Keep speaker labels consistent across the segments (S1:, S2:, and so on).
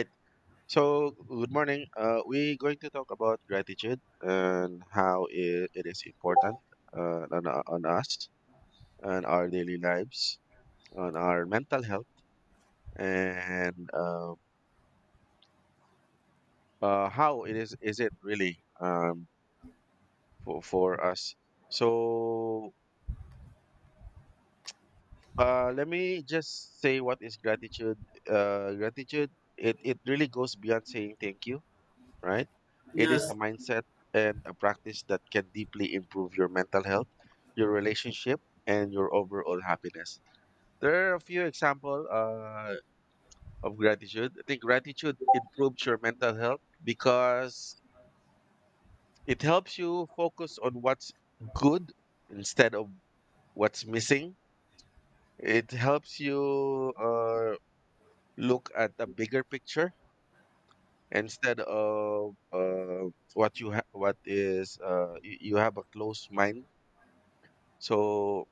S1: Right. So, good morning. We're going to talk about gratitude and how it is important uh, on, on us and our daily lives, on our mental health, and how it is it really for us. So, let me just say what is gratitude. Uh, gratitude. It really goes beyond saying thank you, right? It is a
S2: Yes.
S1: mindset and a practice that can deeply improve your mental health, your relationship, and your overall happiness. There are a few examples of gratitude. I think gratitude improves your mental health because it helps you focus on what's good instead of what's missing. It helps you look at the bigger picture instead of what you ha- what is you, you have a closed mind. So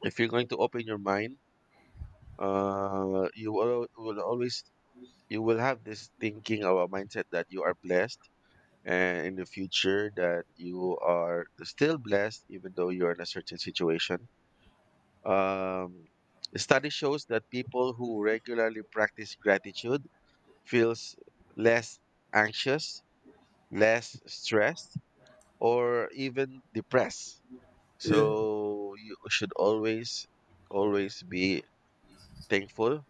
S1: if you're going to open your mind, you will always you will have this thinking or mindset that you are blessed, and in the future that you are still blessed even though you're in a certain situation. Um, the study shows that people who regularly practice gratitude feels less anxious, less stressed, or even depressed.
S2: Yeah.
S1: So you should always always be thankful.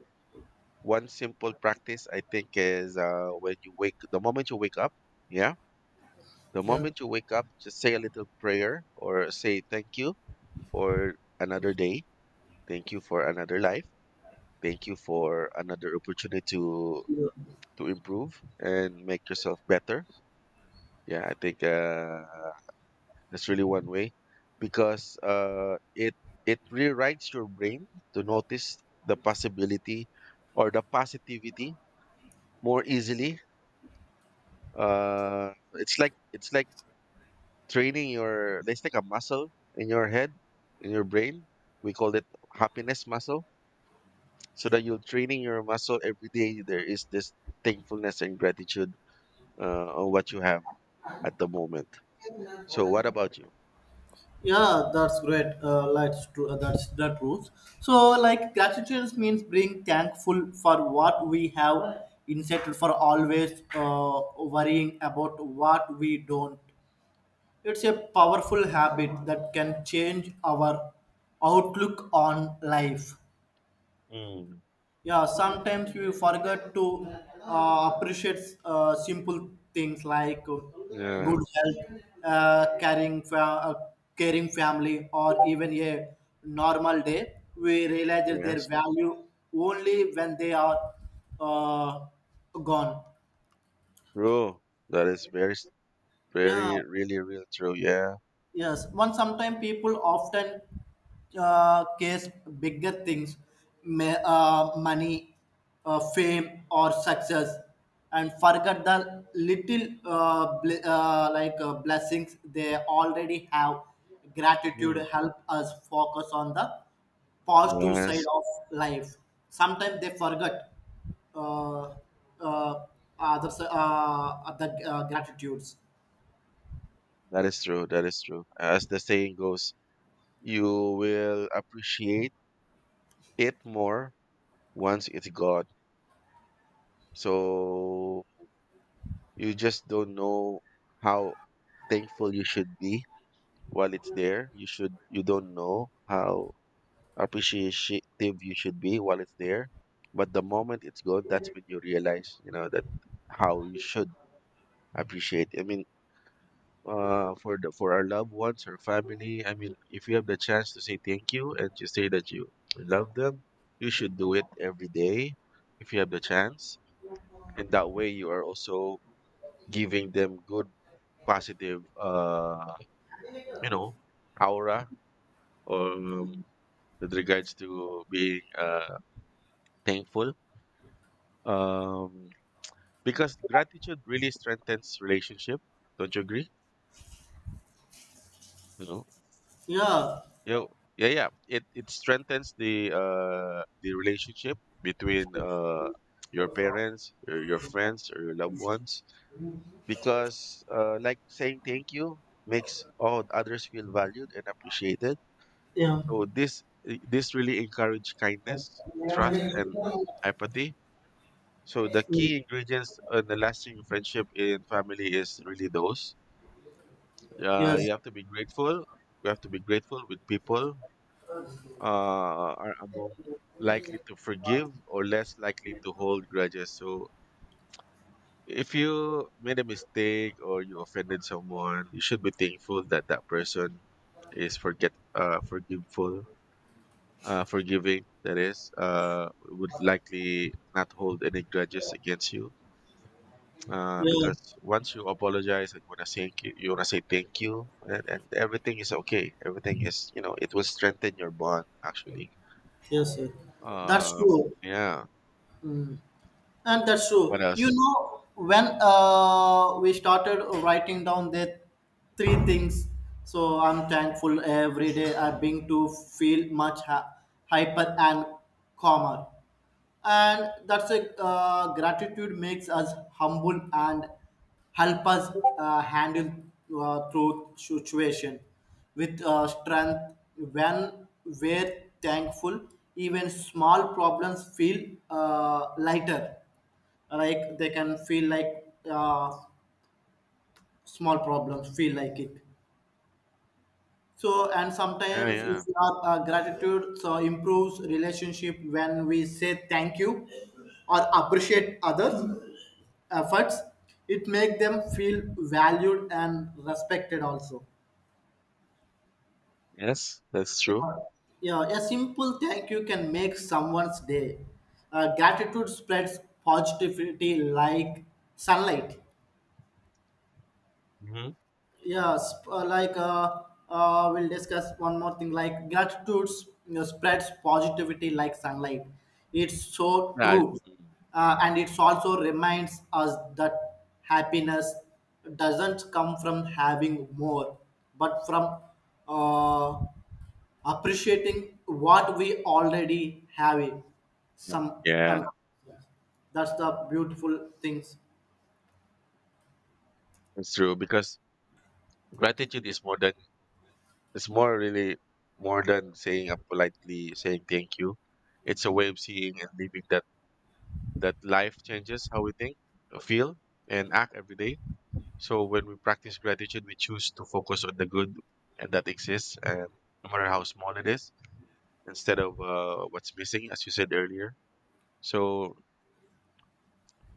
S1: One simple practice I think is when you wake, the moment you wake up, yeah, the
S2: Yeah.
S1: moment you wake up, just say a little prayer or say thank you for another day, thank you for another life, thank you for another opportunity to improve and make yourself better. Yeah, I think that's really one way because it it rewrites your brain to notice the possibility or the positivity more easily. It's like training your it's like a muscle in your head, in your brain. We call it happiness muscle, so that you're training your muscle every day. There is this thankfulness and gratitude on what you have at the moment. So what about you?
S2: Yeah, that's great. That's true. That rules. So, like, gratitude means being thankful for what we have instead for always worrying about what we don't. It's a powerful habit that can change our outlook on life.
S1: Mm.
S2: Yeah, sometimes we forget to appreciate simple things like
S1: Yeah.
S2: good health, caring family, or even a normal day. We realize that their
S1: Yes,
S2: value only when they are uh, gone.
S1: true. That is very
S2: Yeah.
S1: very really really true. Yeah.
S2: Yes, one sometimes people often case bigger things, money, fame, or success, and forget the little blessings they already have. Gratitude
S1: Mm.
S2: help us focus on the positive side
S1: Yes,
S2: of life. Sometimes they forget uh, uh, other gratitudes.
S1: that is true, that is true. As the saying goes, you will appreciate it more once it's gone. So you just don't know how thankful you should be while it's there. You should, you don't know how appreciative you should be while it's there. But the moment it's gone, that's when you realize, you know, that how you should appreciate. I mean, for the for our loved ones or family, I mean, if you have the chance to say thank you and to say that you love them, you should do it every day if you have the chance, and that way you are also giving them good positive you know aura, um with regards to being thankful, um because gratitude really strengthens relationship. Don't you agree, you know?
S2: Yeah,
S1: Yo, yeah yeah it strengthens the relationship between your parents or your friends or your loved ones, because like saying thank you makes all others feel valued and appreciated.
S2: yeah.
S1: So this this really encourage kindness, trust,
S2: Mm.
S1: and empathy. So the key ingredients in the lasting friendship in family is really those. You
S2: Yes.
S1: have to be grateful. You have to be grateful with people are among likely to forgive or less likely to hold grudges. So if you made a mistake or you offended someone, you should be thankful that that person is forget forgiveful, forgiving, that is, would likely not hold any grudges against you,
S2: Yeah.
S1: because once you apologize and want to thank you, you want to say thank you, and everything is okay, everything is, you know, it will strengthen your bond actually.
S2: Yes. Yes. That's
S1: um
S2: true.
S1: yeah.
S2: And that's
S1: What
S2: true. You
S1: else?
S2: know, when we started writing down the three things, so I'm thankful every day I've been to feel hyper and calmer. And that's a gratitude makes us humble and help us handle through situation with strength. When we're thankful, even small problems feel lighter, like they can feel like small problems feel like it. So, and
S1: Yeah,
S2: sometimes
S1: yeah.
S2: if you are gratitude so improves relationship when we say thank you or appreciate others' efforts. It make them feel valued and respected also.
S1: Yes, that's true.
S2: Yeah, yeah, a simple thank you can make someone's day. Gratitude spreads positivity like sunlight.
S1: Mm-hmm.
S2: Yes, we'll discuss one more thing. Like gratitude, you know, spreads positivity like sunlight. It's so
S1: yeah I-
S2: true, and it also reminds us that happiness doesn't come from having more, but from uh, appreciating what we already have.
S1: mm,
S2: Some, uh,
S1: yeah.
S2: that's the beautiful things.
S1: That's true, because gratitude is more than, it's more really more than saying a politely saying thank you. It's a way of seeing and living that that life changes how we think, feel, and act every day. So when we practice gratitude, we choose to focus on the good and that exists, and no matter how small it is, instead of what's missing, as you said earlier. So,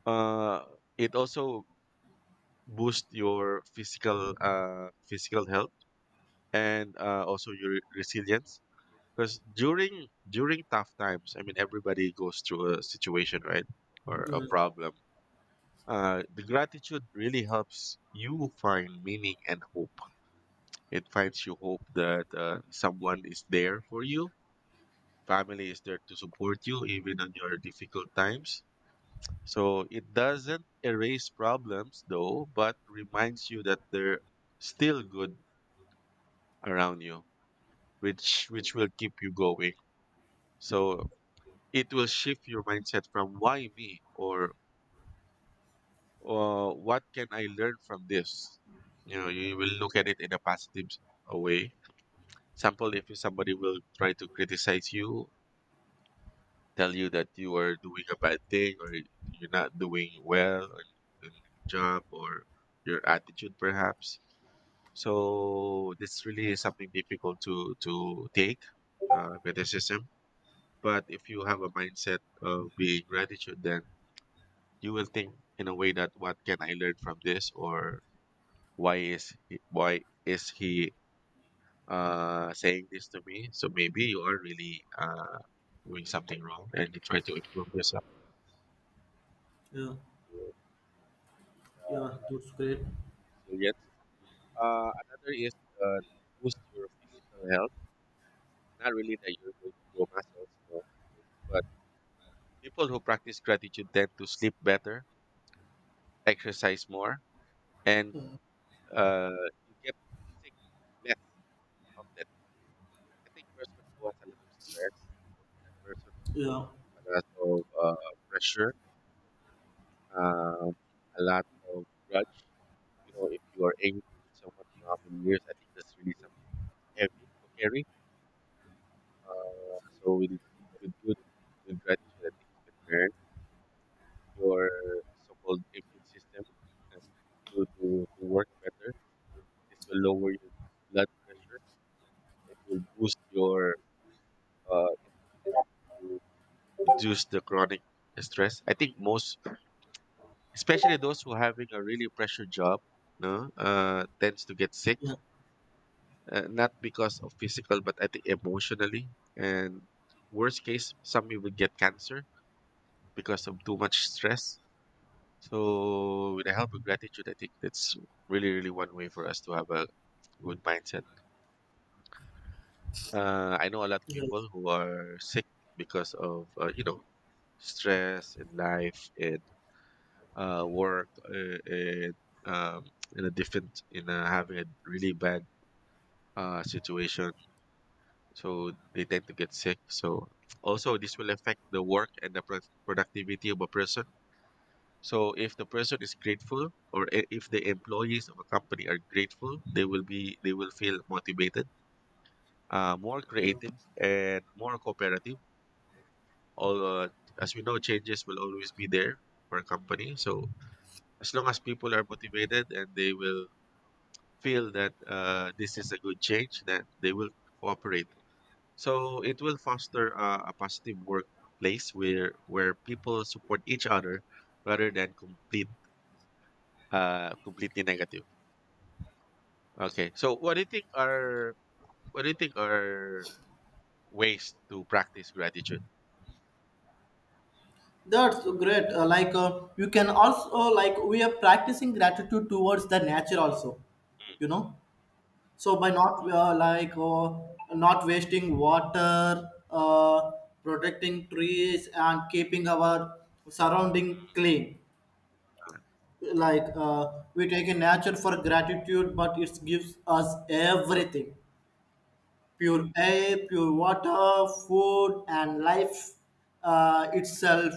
S1: uh, it also boosts your physical physical health and also your resilience, because during tough times, I mean, everybody goes through a situation, right? Or a problem. The gratitude really helps you find meaning and hope. It finds you hope that someone is there for you, family is there to support you even on your difficult times. So it doesn't erase problems though, but reminds you that they're still good around you, which will keep you going. So it will shift your mindset from why me, or what can I learn from this? You know, you will look at it in a positive a way. Example, if somebody will try to criticize you, tell you that you are doing a bad thing, or you're not doing well on your job or your attitude perhaps. So this really is something difficult to take, criticism. But if you have a mindset of being gratitude, then you will think in a way that what can I learn from this, or why is he saying this to me? So maybe you are really doing something wrong and you try to improve yourself.
S2: Yeah, yeah, that's great.
S1: Resilience. Another is, uh, boost your physical health. Not really that you're going to grow muscles, no, but people who practice gratitude tend to sleep better, exercise more, and, uh, you get sick less often. I think person who has a lot of stress, person who
S2: Yeah.
S1: has a lot of pressure, um, a lot of grudge. You know, if you are angry with someone for how many years, I think that's really something heavy to carry. So with good, with gratitude, I think you can learn your so-called immune system to, to, to work better. This will lower your blood pressure. It will boost your immune system to reduce the chronic stress. I think most especially those who having a really pressure job, no, tends to get sick,
S2: Yeah.
S1: not because of physical, but I think emotionally, and worst case some even get cancer because of too much stress. So with the help of gratitude, I think that's really really one way for us to have a good mindset. Uh, I know a lot of people
S2: Yes,
S1: who are sick because of, you know, stress in life, and uh, work uh, in, um, in a different in having a really bad situation. So they tend to get sick. So also this will affect the work and the productivity of a person. So if the person is grateful, or if the employees of a company are grateful, they will be, they will feel motivated, more
S2: yeah.
S1: creative, and more cooperative. All As we know, changes will always be there for a company. So as long as people are motivated, and they will feel that this is a good change, that they will cooperate. So it will foster a positive workplace where people support each other rather than complete, completely negative. Okay. So what do you think are what do you think are ways to practice gratitude?
S2: That's great. You can also, we are practicing gratitude towards the nature
S1: Mm,
S2: also,
S1: mm,
S2: you know. So by not wasting water, protecting trees and keeping our surrounding
S1: mm.
S2: clean.
S1: Uh,
S2: Like uh, we take a nature for gratitude, but it gives us
S1: true.
S2: everything: pure air, pure water, food, and life itself.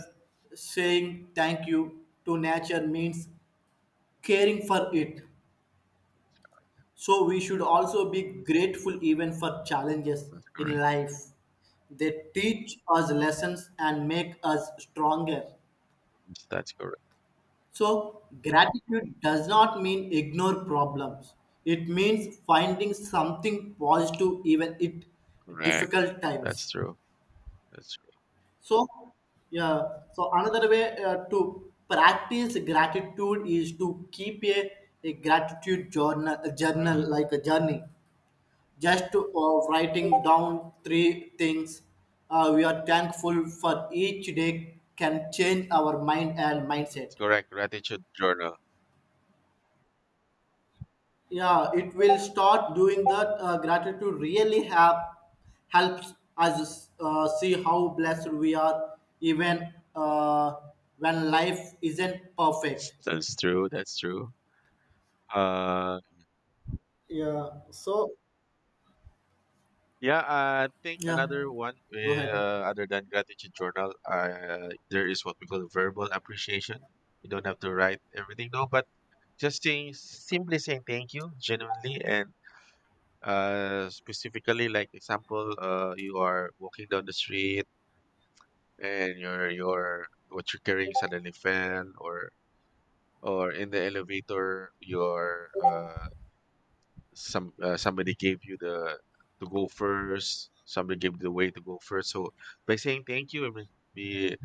S2: Saying thank you to nature means caring for it. So we should also be grateful even for challenges
S1: That's
S2: in
S1: correct.
S2: life. They teach us lessons and make us stronger.
S1: Yes, that's correct.
S2: So gratitude does not mean ignore problems. It means finding something positive even at
S1: Correct.
S2: difficult times.
S1: That's true. That's true.
S2: So, yeah, so another way to practice gratitude is to keep a gratitude journal, a journal,
S1: Mm.
S2: like a journey, just to, writing down three things we are thankful for each day can change our mind and mindset.
S1: That's correct. Gratitude journal.
S2: Yeah, it will start doing that. Gratitude really have helps us see how blessed we are even when life isn't perfect.
S1: That's true. That's true. Uh,
S2: Yeah, so
S1: Yeah, I think another
S2: yeah,
S1: one,
S2: go ahead.
S1: other than gratitude journal, there is what we call verbal appreciation. You don't have to write everything, though, but just saying simply saying thank you genuinely and, specifically, like example, you are walking down the street and your what you're carrying suddenly fell, or in the elevator, your, somebody gave you the to go first, somebody gave the way to go first. So by saying thank you and be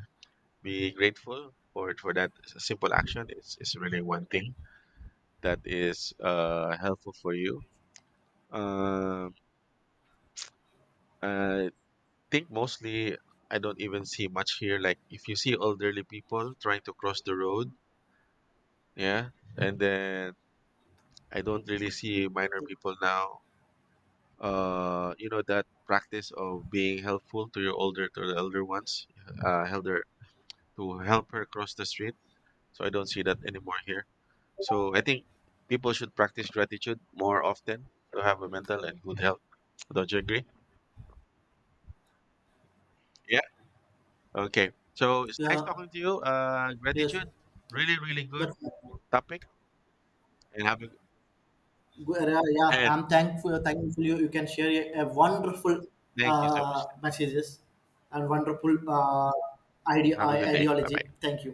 S1: be grateful for that simple action is really one thing that is helpful for you. Um i think mostly, I don't even see much here, like if you see elderly people trying to cross the road, yeah, and then I don't really see minor people now. You know, that practice of being helpful to your older, to the elder ones, elder, to help her cross the street. So I don't see that anymore here. So I think people should practice gratitude more often to have a mental and good health. Don't you agree? Yeah. Okay, so it's nice
S2: Yeah,
S1: talking to you. Uh,
S2: yes,
S1: gratitude, really really good
S2: that
S1: topic. And have a,
S2: Yeah, yeah,
S1: and
S2: I'm thankful you can share a wonderful
S1: thank you so much.
S2: messages and wonderful idea
S1: Have a good day, bye
S2: ideology.
S1: bye.
S2: Thank you.